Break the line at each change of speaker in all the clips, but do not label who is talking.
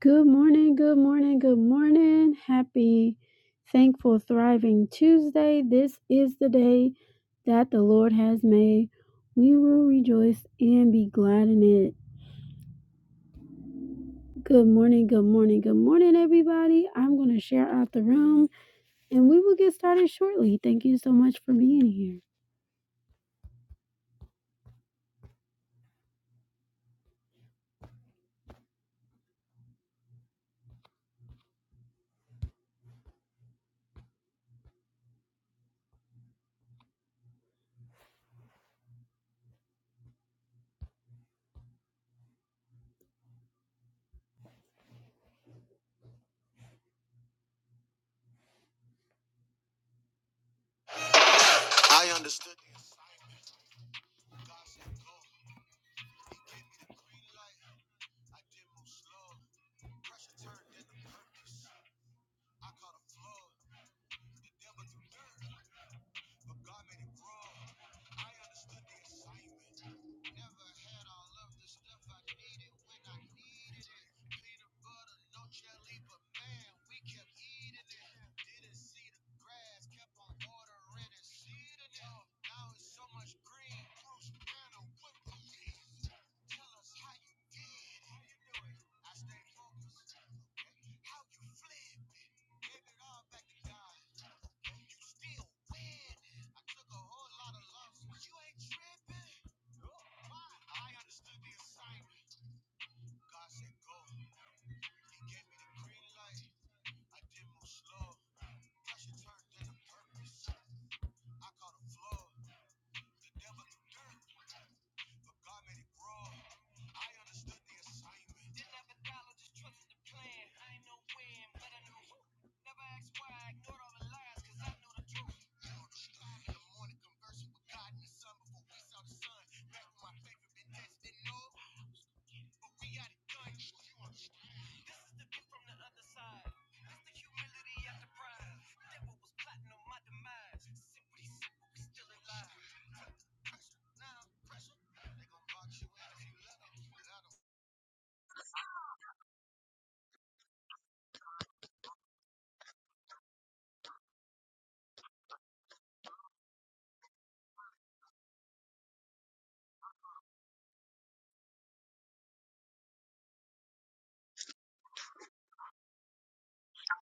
Good morning, good morning, good morning. Happy, thankful, thriving Tuesday. This is the day that the Lord has made. We will rejoice and be glad in it. Good morning, good morning, good morning, everybody. I'm going to share out the room and we will get started shortly. Thank you so much for being here.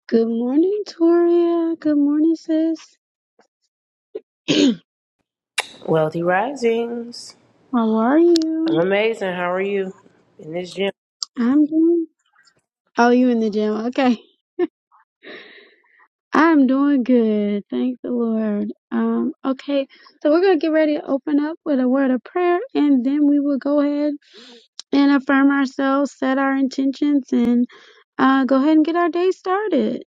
Good morning, Toria. Good morning, sis.
Wealthy Risings.
How are you?
I'm amazing. How are you in this gym?
I'm doing. Oh, you in the gym. I'm doing good. Thank the Lord. Um, okay, so we're going to get ready to open up with a word of prayer, and then we will go ahead and affirm ourselves, set our intentions, and uh, go ahead and get our day started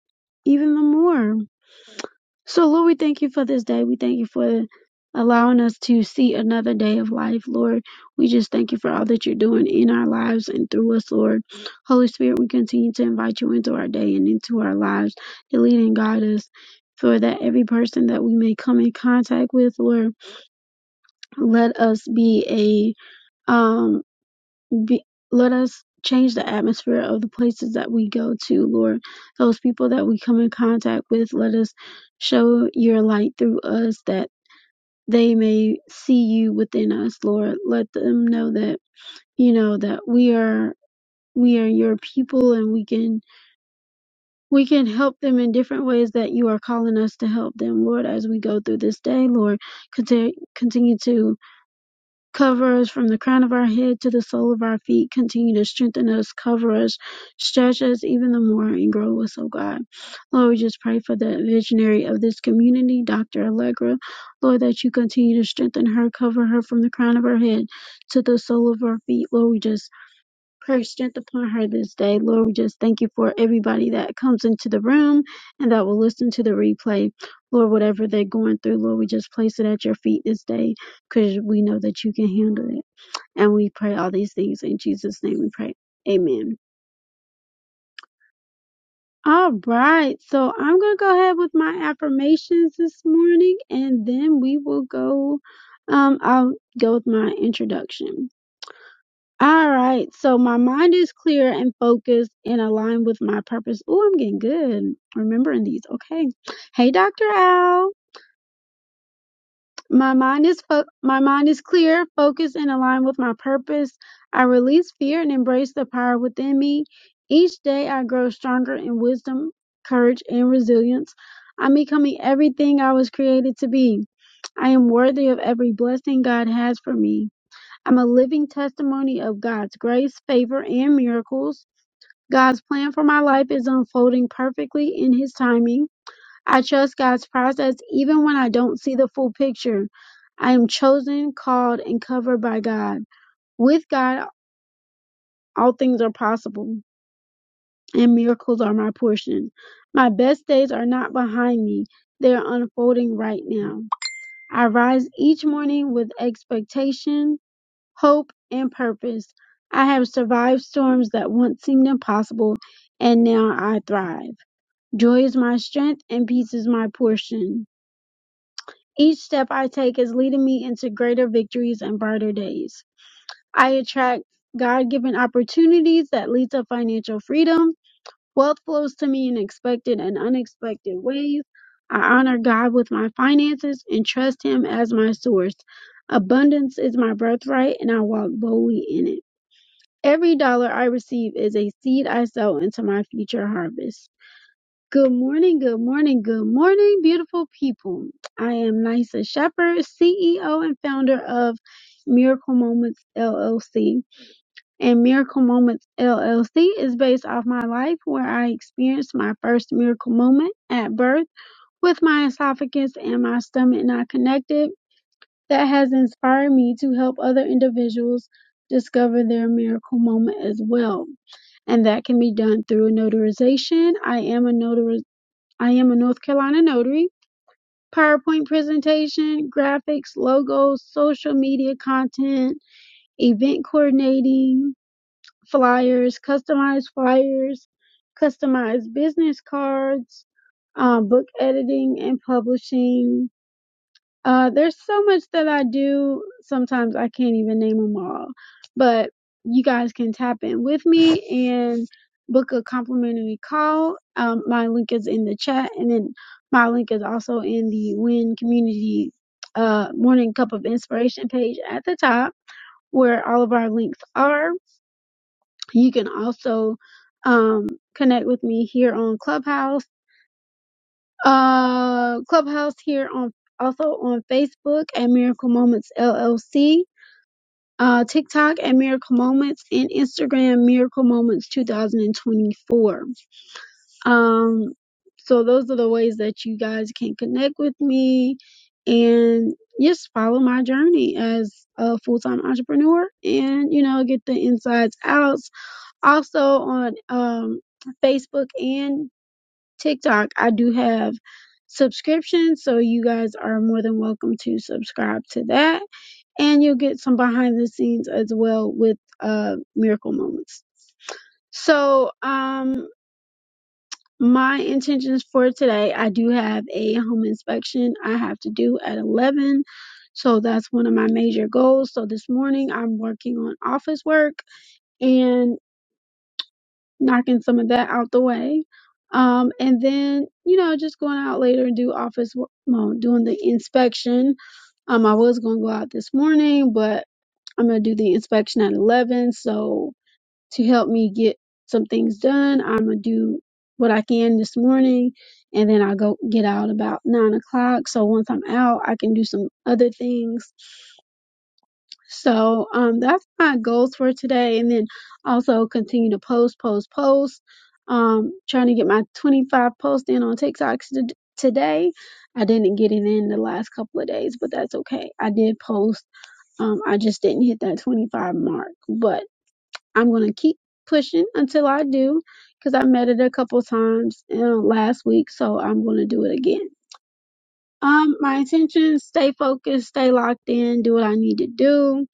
even the more. So, Lord, we thank you for this day. We thank you for allowing us to see another day of life, Lord. We just thank you for all that you're doing in our lives and through us, Lord. Holy Spirit, we continue to invite you into our day and into our lives to lead and guide us. For that every person that we may come in contact with, Lord, let us be a um be let us change the atmosphere of the places that we go to, Lord. Those people that we come in contact with, let us show your light through us that they may see you within us, Lord. Let them know that, you know, that we are we are your people and we can we can help them in different ways that you are calling us to help them, Lord, as we go through this day, Lord. Continue continue to Cover us from the crown of our head to the sole of our feet. Continue to strengthen us, cover us, stretch us even the more, and grow us, oh God. Lord, we just pray for the visionary of this community, Dr. Allegra. Lord, that you continue to strengthen her, cover her from the crown of her head to the sole of her feet. Lord, we just prayer strength upon her this day. Lord, we just thank you for everybody that comes into the room and that will listen to the replay. Lord, whatever they're going through, Lord, we just place it at your feet this day because we know that you can handle it. And we pray all these things in Jesus' name we pray. Amen. All right, so I'm going to go ahead with my affirmations this morning and then we will go. Um, I'll go with my introduction. All right. So my mind is clear and focused and aligned with my purpose. Oh, I'm getting good remembering these. Okay. Hey, Dr. Al. My mind is fo- my mind is clear, focused and aligned with my purpose. I release fear and embrace the power within me. Each day I grow stronger in wisdom, courage and resilience. I'm becoming everything I was created to be. I am worthy of every blessing God has for me. I'm a living testimony of God's grace, favor, and miracles. God's plan for my life is unfolding perfectly in His timing. I trust God's process even when I don't see the full picture. I am chosen, called, and covered by God. With God, all things are possible, and miracles are my portion. My best days are not behind me, they are unfolding right now. I rise each morning with expectation hope, and purpose. I have survived storms that once seemed impossible, and now I thrive. Joy is my strength, and peace is my portion. Each step I take is leading me into greater victories and brighter days. I attract God-given opportunities that lead to financial freedom. Wealth flows to me in expected and unexpected ways. I honor God with my finances and trust Him as my source. Abundance is my birthright, and I walk boldly in it. Every dollar I receive is a seed I sow into my future harvest. Good morning, good morning, good morning, beautiful people. I am Nysa Shepherd, CEO and founder of Miracle Moments LLC. And Miracle Moments LLC is based off my life where I experienced my first miracle moment at birth with my esophagus and my stomach not connected that has inspired me to help other individuals discover their miracle moment as well. And that can be done through a notarization. I am a notary I am a North Carolina notary. PowerPoint presentation, graphics, logos, social media content, event coordinating, flyers, customized flyers, customized business cards, um, book editing and publishing, uh, there's so much that I do. Sometimes I can't even name them all, but you guys can tap in with me and book a complimentary call. Um, my link is in the chat, and then my link is also in the Win Community uh, Morning Cup of Inspiration page at the top, where all of our links are. You can also um, connect with me here on Clubhouse uh clubhouse here on also on facebook at miracle moments llc uh tiktok at miracle moments and instagram miracle moments 2024 um so those are the ways that you guys can connect with me and just follow my journey as a full-time entrepreneur and you know get the insides out also on um facebook and TikTok, I do have subscriptions, so you guys are more than welcome to subscribe to that. And you'll get some behind the scenes as well with uh, Miracle Moments. So, um, my intentions for today, I do have a home inspection I have to do at 11. So that's one of my major goals. So this morning I'm working on office work and. knocking some of that out the way. Um, and then, you know, just going out later and do office, wo- well, doing the inspection. Um, I was going to go out this morning, but I'm going to do the inspection at 11. So to help me get some things done, I'm going to do what I can this morning. And then I go get out about nine o'clock. So once I'm out, I can do some other things so um, that's my goals for today. And then also continue to post, post, post. Um, trying to get my 25 posts in on TikTok t- today. I didn't get it in the last couple of days, but that's okay. I did post. Um, I just didn't hit that 25 mark, but I'm going to keep pushing until I do because I met it a couple times uh, last week. So I'm going to do it again. Um, my intentions, stay focused, stay locked in, do what I need to do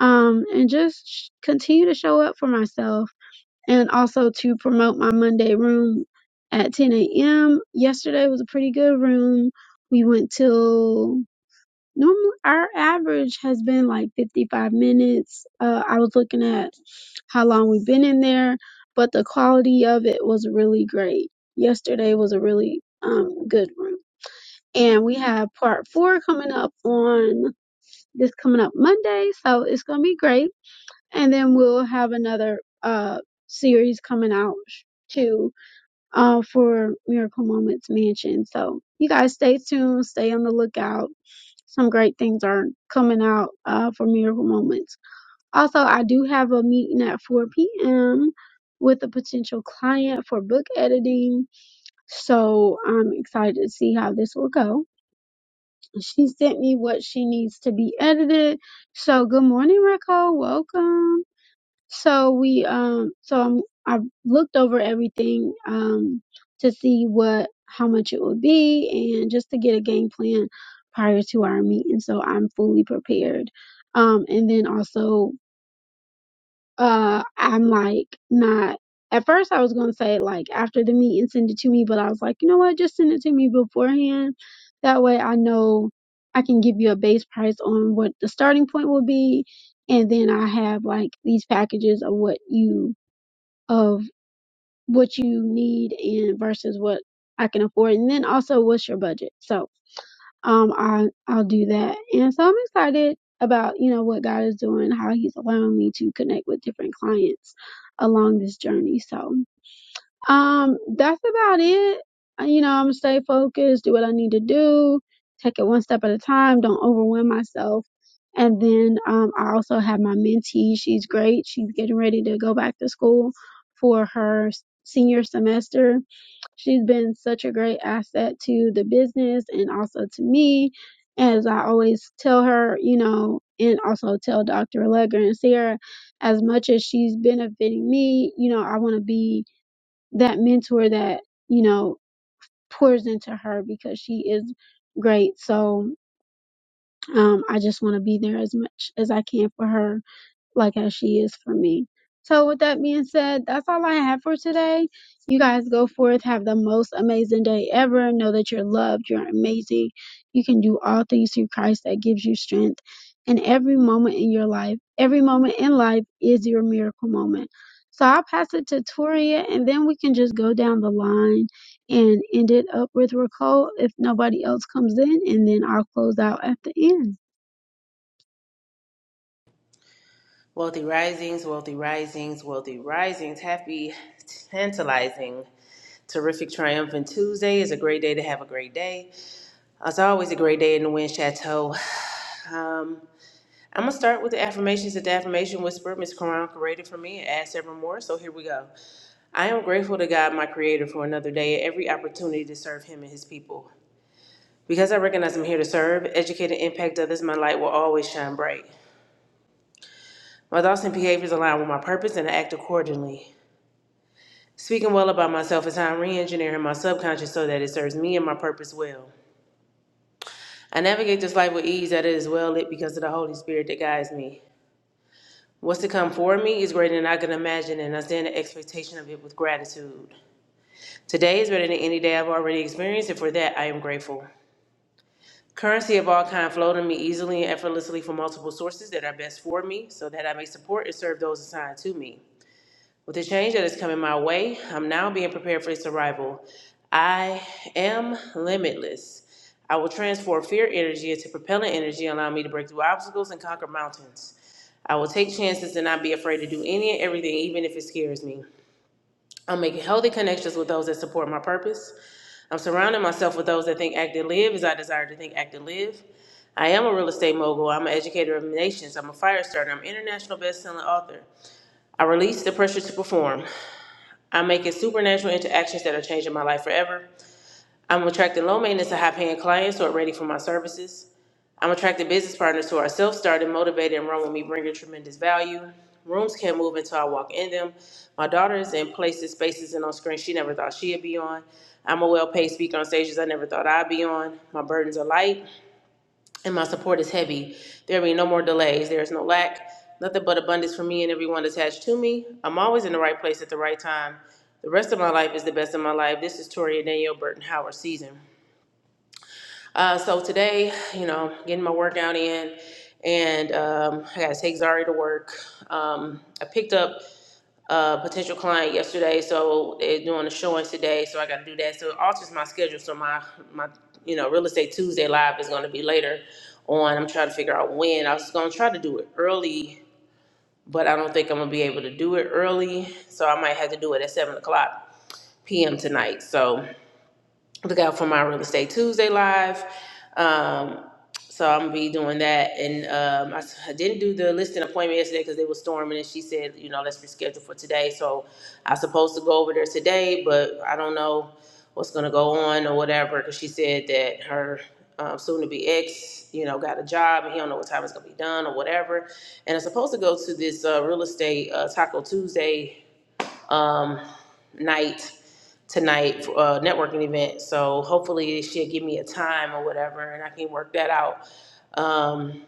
um, and just sh- continue to show up for myself and also to promote my Monday room at 10 a.m. Yesterday was a pretty good room. We went till normally our average has been like 55 minutes. Uh, I was looking at how long we've been in there, but the quality of it was really great. Yesterday was a really um, good room. And we have part four coming up on this coming up Monday, so it's gonna be great and then we'll have another uh series coming out too uh for miracle moments mansion so you guys stay tuned stay on the lookout some great things are coming out uh for miracle moments also i do have a meeting at 4 p.m with a potential client for book editing so i'm excited to see how this will go she sent me what she needs to be edited so good morning Rico. welcome so we um so I'm, I looked over everything um to see what how much it would be and just to get a game plan prior to our meeting so I'm fully prepared. Um and then also uh I'm like not at first I was going to say like after the meeting send it to me but I was like, you know what, just send it to me beforehand. That way I know I can give you a base price on what the starting point will be and then I have like these packages of what you of what you need and versus what I can afford, and then also what's your budget. So um, I I'll do that, and so I'm excited about you know what God is doing, how He's allowing me to connect with different clients along this journey. So um, that's about it. Uh, You know, I'm gonna stay focused, do what I need to do, take it one step at a time, don't overwhelm myself. And then um, I also have my mentee. She's great. She's getting ready to go back to school for her s- senior semester. She's been such a great asset to the business and also to me. As I always tell her, you know, and also tell Dr. Allegra and Sarah, as much as she's benefiting me, you know, I want to be that mentor that you know pours into her because she is great so um i just want to be there as much as i can for her like as she is for me. So with that being said, that's all I have for today. You guys go forth, have the most amazing day ever. Know that you're loved, you're amazing. You can do all things through Christ that gives you strength. And every moment in your life, every moment in life is your miracle moment. So I'll pass it to Toria and then we can just go down the line and end it up with Raquel if nobody else comes in and then I'll close out at the end.
Wealthy Risings, Wealthy Risings, Wealthy Risings. Happy, tantalizing, terrific, triumphant Tuesday is a great day to have a great day. Uh, It's always a great day in the Wind Chateau. Um, I'm going to start with the affirmations that the affirmation whisperer, Miss Quran, created for me and add several more. So here we go. I am grateful to God, my creator, for another day and every opportunity to serve him and his people. Because I recognize I'm here to serve, educate, and impact others, my light will always shine bright. My thoughts and behaviors align with my purpose, and I act accordingly. Speaking well about myself is how I'm re engineering my subconscious so that it serves me and my purpose well. I navigate this life with ease that it is well lit because of the Holy Spirit that guides me. What's to come for me is greater than I can imagine, and I stand in expectation of it with gratitude. Today is better than any day I've already experienced, and for that I am grateful. Currency of all kind flow to me easily and effortlessly from multiple sources that are best for me, so that I may support and serve those assigned to me. With the change that is coming my way, I'm now being prepared for its arrival. I am limitless. I will transform fear energy into propellant energy, allowing me to break through obstacles and conquer mountains. I will take chances and not be afraid to do any and everything, even if it scares me. I'm making healthy connections with those that support my purpose. I'm surrounding myself with those that think, act, and live as I desire to think, act, and live. I am a real estate mogul. I'm an educator of nations. I'm a fire starter. I'm an international best-selling author. I release the pressure to perform. I'm making supernatural interactions that are changing my life forever. I'm attracting low maintenance and high paying clients who are ready for my services. I'm attracting business partners who are self started, motivated, and run with me, bringing tremendous value. Rooms can't move until I walk in them. My daughter is in places, spaces, and on screens she never thought she'd be on. I'm a well paid speaker on stages I never thought I'd be on. My burdens are light and my support is heavy. There will be no more delays. There is no lack, nothing but abundance for me and everyone attached to me. I'm always in the right place at the right time. The rest of my life is the best of my life. This is Toria Danielle Burton Howard season. Uh, so today, you know, getting my workout in, and um, I got to take Zari to work. Um, I picked up a potential client yesterday, so they're doing a showing today, so I got to do that. So it alters my schedule. So my my you know real estate Tuesday live is going to be later on. I'm trying to figure out when. I was going to try to do it early, but I don't think I'm gonna be able to do it early. So I might have to do it at seven o'clock p.m. tonight. So look out for my real estate Tuesday live. Um, so I'm gonna be doing that, and um, I, s- I didn't do the listing appointment yesterday because they were storming, and she said, you know, let's reschedule for today. So I'm supposed to go over there today, but I don't know what's gonna go on or whatever because she said that her um, soon-to-be ex, you know, got a job and he don't know what time it's gonna be done or whatever. And I'm supposed to go to this uh, real estate uh, Taco Tuesday um, night tonight for uh, networking event. So hopefully she'll give me a time or whatever, and I can work that out. Um,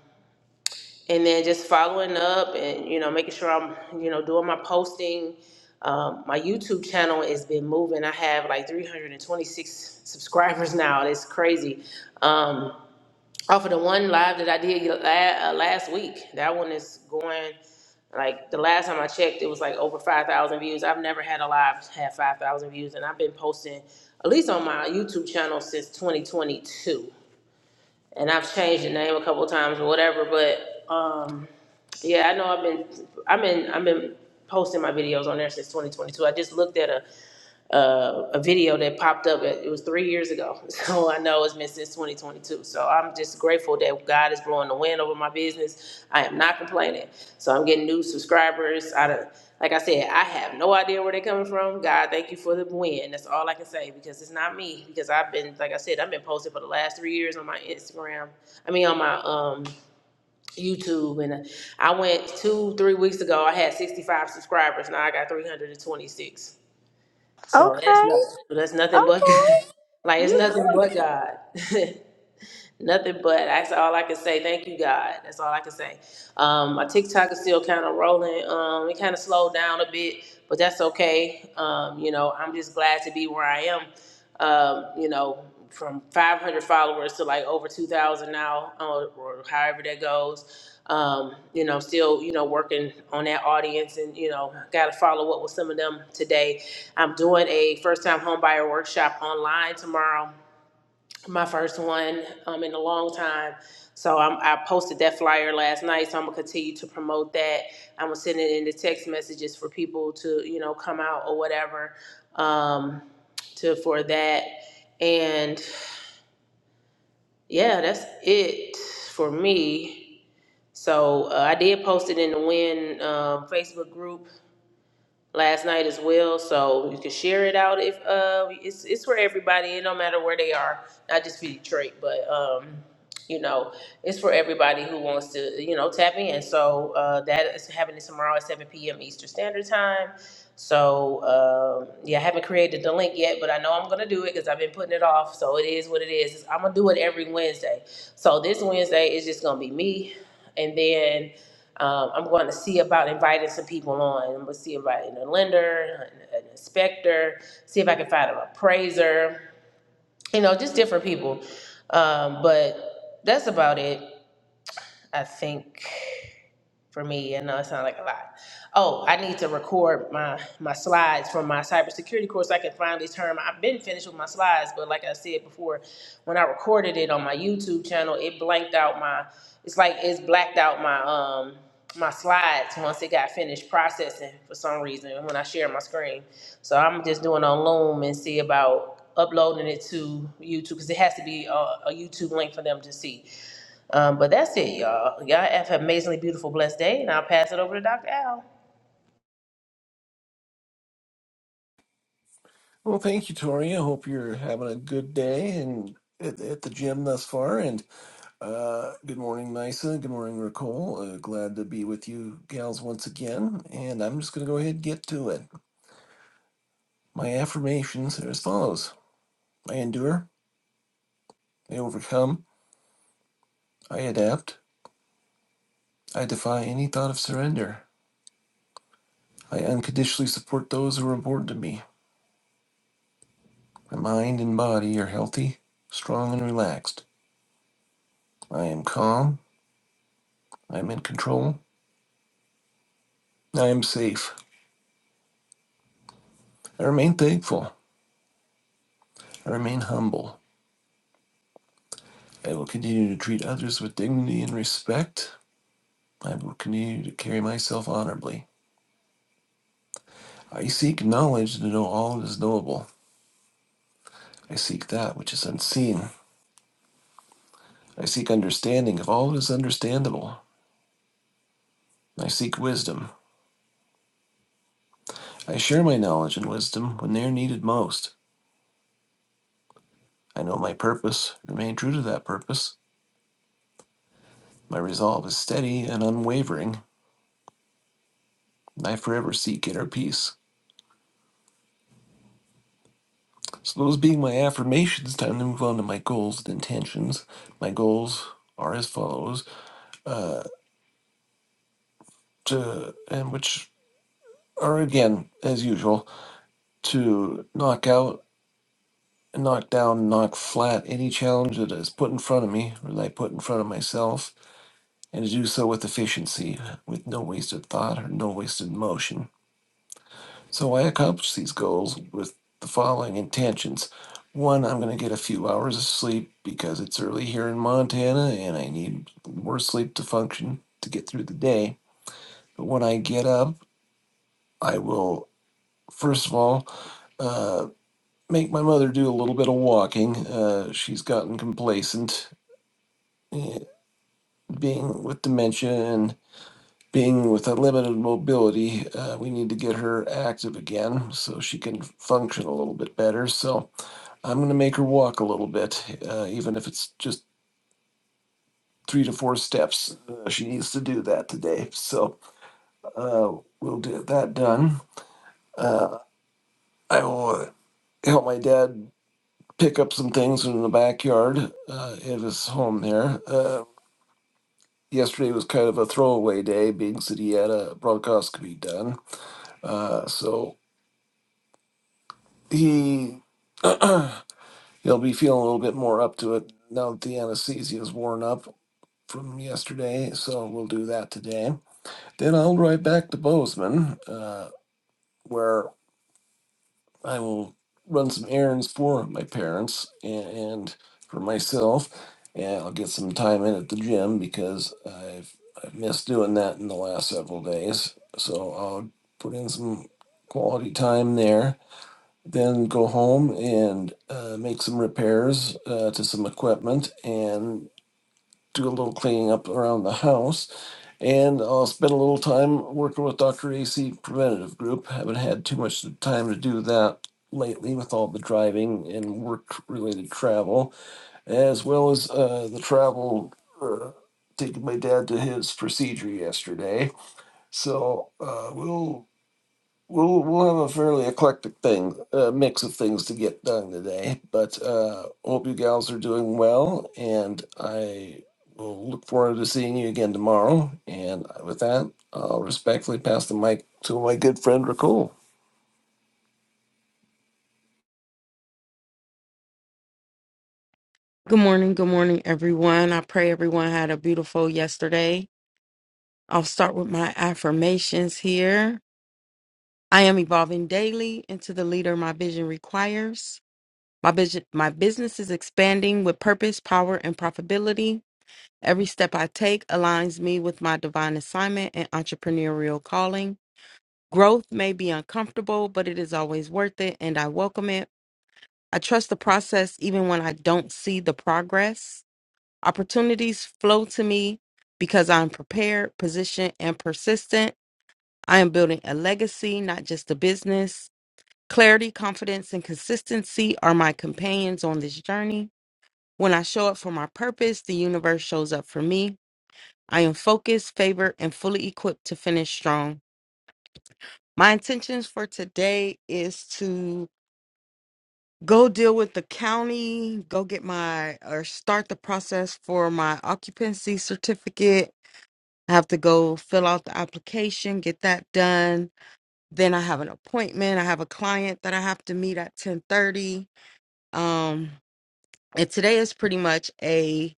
and then just following up and you know making sure I'm you know doing my posting. Um, my YouTube channel has been moving. I have like 326 subscribers now. It's crazy. Um, off of the one live that I did la- uh, last week, that one is going. Like the last time I checked, it was like over five thousand views. I've never had a live have five thousand views, and I've been posting at least on my YouTube channel since twenty twenty two. And I've changed the name a couple of times or whatever, but um, yeah, I know I've been, I've been, I've been posting my videos on there since twenty twenty two. I just looked at a uh, a video that popped up. It it was three years ago, so I know it's been since 2022. So I'm just grateful that God is blowing the wind over my business. I am not complaining. So I'm getting new subscribers. Out of like I said, I have no idea where they're coming from. God, thank you for the win. That's all I can say because it's not me. Because I've been, like I said, I've been posting for the last three years on my Instagram. I mean, on my um, YouTube, and I went two, three weeks ago. I had 65 subscribers. Now I got 326. So that's
Okay.
nothing. So that's nothing but
Okay.
like it's
You
nothing
go.
but God. nothing but that's all I can say. Thank you, God. That's all I can say. Um, my TikTok is still kind of rolling. Um, it kind of slowed down a bit, but that's okay. Um, you know, I'm just glad to be where I am. Um, you know, from 500 followers to like over 2,000 now, uh, or however that goes. Um, you know, still, you know, working on that audience and, you know, got to follow up with some of them today. I'm doing a first time homebuyer workshop online tomorrow my first one um, in a long time. So I'm, I posted that flyer last night. So I'm gonna continue to promote that. I'm gonna send it in the text messages for people to you know come out or whatever um, to for that. And yeah, that's it for me. So uh, I did post it in the Win um Facebook group last night as well. So you can share it out if uh, it's it's for everybody. It don't matter where they are, not just for Detroit, but. Um, you know, it's for everybody who wants to, you know, tap in. So uh, that is happening tomorrow at 7 p.m. Eastern Standard Time. So um, yeah, I haven't created the link yet, but I know I'm gonna do it because I've been putting it off. So it is what it is. It's- I'm gonna do it every Wednesday. So this Wednesday is just gonna be me, and then um, I'm going to see about inviting some people on. I'm gonna see inviting a lender, an, an inspector, see if I can find an appraiser you know, just different people. Um, but that's about it, I think for me. And know it sounds like a lot. Oh, I need to record my my slides from my cybersecurity course. I can finally turn. I've been finished with my slides, but like I said before, when I recorded it on my YouTube channel, it blanked out my. It's like it's blacked out my um my slides once it got finished processing for some reason when I share my screen. So I'm just doing on Loom and see about uploading it to YouTube because it has to be a, a YouTube link for them to see. Um, but that's it, y'all. Y'all have an amazingly beautiful, blessed day, and I'll pass it over to Dr. Al.
Well, thank you, Tori. I hope you're having a good day and at, at the gym thus far. And uh, good morning, Nisa. Good morning, Nicole. Uh, glad to be with you, gals, once again. And I'm just going to go ahead and get to it. My affirmations are as follows I endure, I overcome, I adapt, I defy any thought of surrender. I unconditionally support those who are important to me. My mind and body are healthy, strong, and relaxed. I am calm, I am in control, I am safe. I remain thankful. I remain humble. I will continue to treat others with dignity and respect. I will continue to carry myself honorably. I seek knowledge to know all that is knowable. I seek that which is unseen. I seek understanding of all that is understandable. I seek wisdom. I share my knowledge and wisdom when they are needed most. I know my purpose, remain true to that purpose. My resolve is steady and unwavering, and I forever seek inner peace. So those being my affirmations, time to move on to my goals and intentions. My goals are as follows, uh, to and which are again as usual to knock out, knock down, knock flat any challenge that is put in front of me or that I put in front of myself, and to do so with efficiency, with no wasted thought or no wasted motion So I accomplish these goals with the following intentions. One, I'm going to get a few hours of sleep because it's early here in Montana and I need more sleep to function to get through the day. But when I get up, I will, first of all, uh, make my mother do a little bit of walking. Uh, she's gotten complacent eh, being with dementia and being with a limited mobility. Uh, we need to get her active again so she can function a little bit better. So I'm going to make her walk a little bit, uh, even if it's just three to four steps. Uh, she needs to do that today. So uh, we'll get that done. Uh, I will uh, help my dad pick up some things in the backyard uh, at his home there. Uh, yesterday was kind of a throwaway day, being that he had a bronchoscopy done. Uh, so he. He'll be feeling a little bit more up to it now that the anesthesia is worn up from yesterday, so we'll do that today. Then I'll ride back to Bozeman, uh, where I will run some errands for my parents and, and for myself, and I'll get some time in at the gym because I've I've missed doing that in the last several days. So I'll put in some quality time there. Then go home and uh, make some repairs uh, to some equipment and do a little cleaning up around the house And I'll spend a little time working with Dr. AC Preventative Group. Haven't had too much time to do that lately with all the driving and work related travel, as well as uh, the travel uh, taking my dad to his procedure yesterday. So uh, we'll we'll we'll have a fairly eclectic thing, uh, mix of things to get done today. But uh, hope you gals are doing well, and I will look forward to seeing you again tomorrow. And with that, I'll respectfully pass the mic to my good friend Raccoon.
Good morning, good morning, everyone. I pray everyone had a beautiful yesterday. I'll start with my affirmations here. I am evolving daily into the leader my vision requires. My vision, my business is expanding with purpose, power, and profitability. Every step I take aligns me with my divine assignment and entrepreneurial calling. Growth may be uncomfortable, but it is always worth it, and I welcome it. I trust the process even when I don't see the progress. Opportunities flow to me because I'm prepared, positioned, and persistent. I am building a legacy, not just a business. Clarity, confidence, and consistency are my companions on this journey. When I show up for my purpose, the universe shows up for me. I am focused, favored, and fully equipped to finish strong. My intentions for today is to go deal with the county, go get my or start the process for my occupancy certificate I have to go fill out the application, get that done. Then I have an appointment. I have a client that I have to meet at 10:30. Um, and today is pretty much a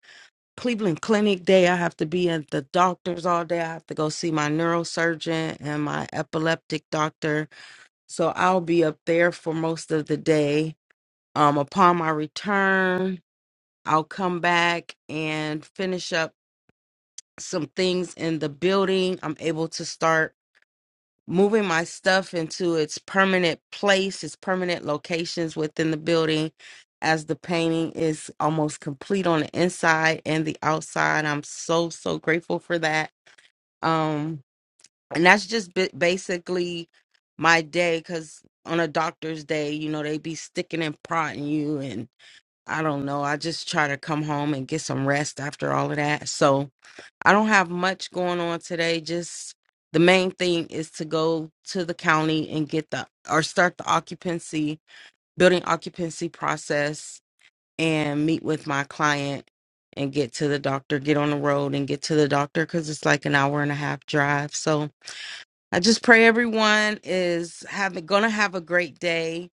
Cleveland Clinic day. I have to be at the doctor's all day. I have to go see my neurosurgeon and my epileptic doctor. So I'll be up there for most of the day. Um, upon my return, I'll come back and finish up some things in the building. I'm able to start moving my stuff into its permanent place, its permanent locations within the building as the painting is almost complete on the inside and the outside. I'm so so grateful for that. Um and that's just bi- basically my day cuz on a doctor's day, you know, they be sticking and prodding you and I don't know. I just try to come home and get some rest after all of that. So, I don't have much going on today. Just the main thing is to go to the county and get the or start the occupancy, building occupancy process and meet with my client and get to the doctor, get on the road and get to the doctor because it's like an hour and a half drive. So I just pray everyone is having gonna have a great day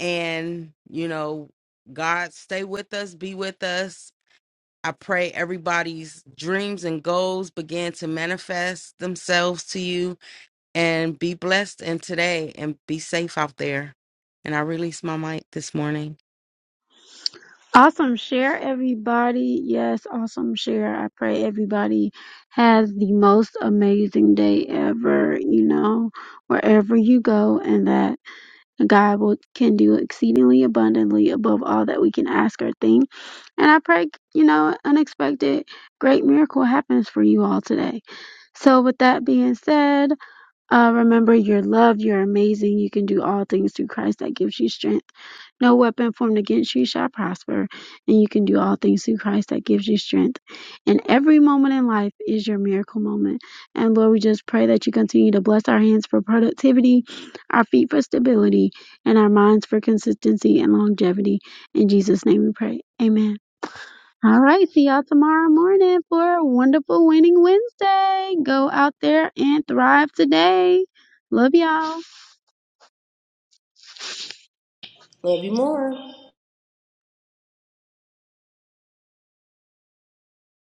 and you know, God stay with us, be with us, I pray everybody's dreams and goals begin to manifest themselves to you and be blessed in today and be safe out there. And I release my mic this morning.
Awesome share, everybody. Yes, awesome share. I pray everybody has the most amazing day ever, you know, wherever you go, and that God will, can do exceedingly abundantly above all that we can ask or think. And I pray, you know, unexpected great miracle happens for you all today. So, with that being said, uh, remember you're loved, you're amazing, you can do all things through Christ that gives you strength. No weapon formed against you shall prosper, and you can do all things through Christ that gives you strength. And every moment in life is your miracle moment. And Lord, we just pray that you continue to bless our hands for productivity, our feet for stability, and our minds for consistency and longevity. In Jesus' name we pray. Amen. All right, see y'all tomorrow morning for a wonderful winning Wednesday. Go out there and thrive today. Love y'all.
Love you more.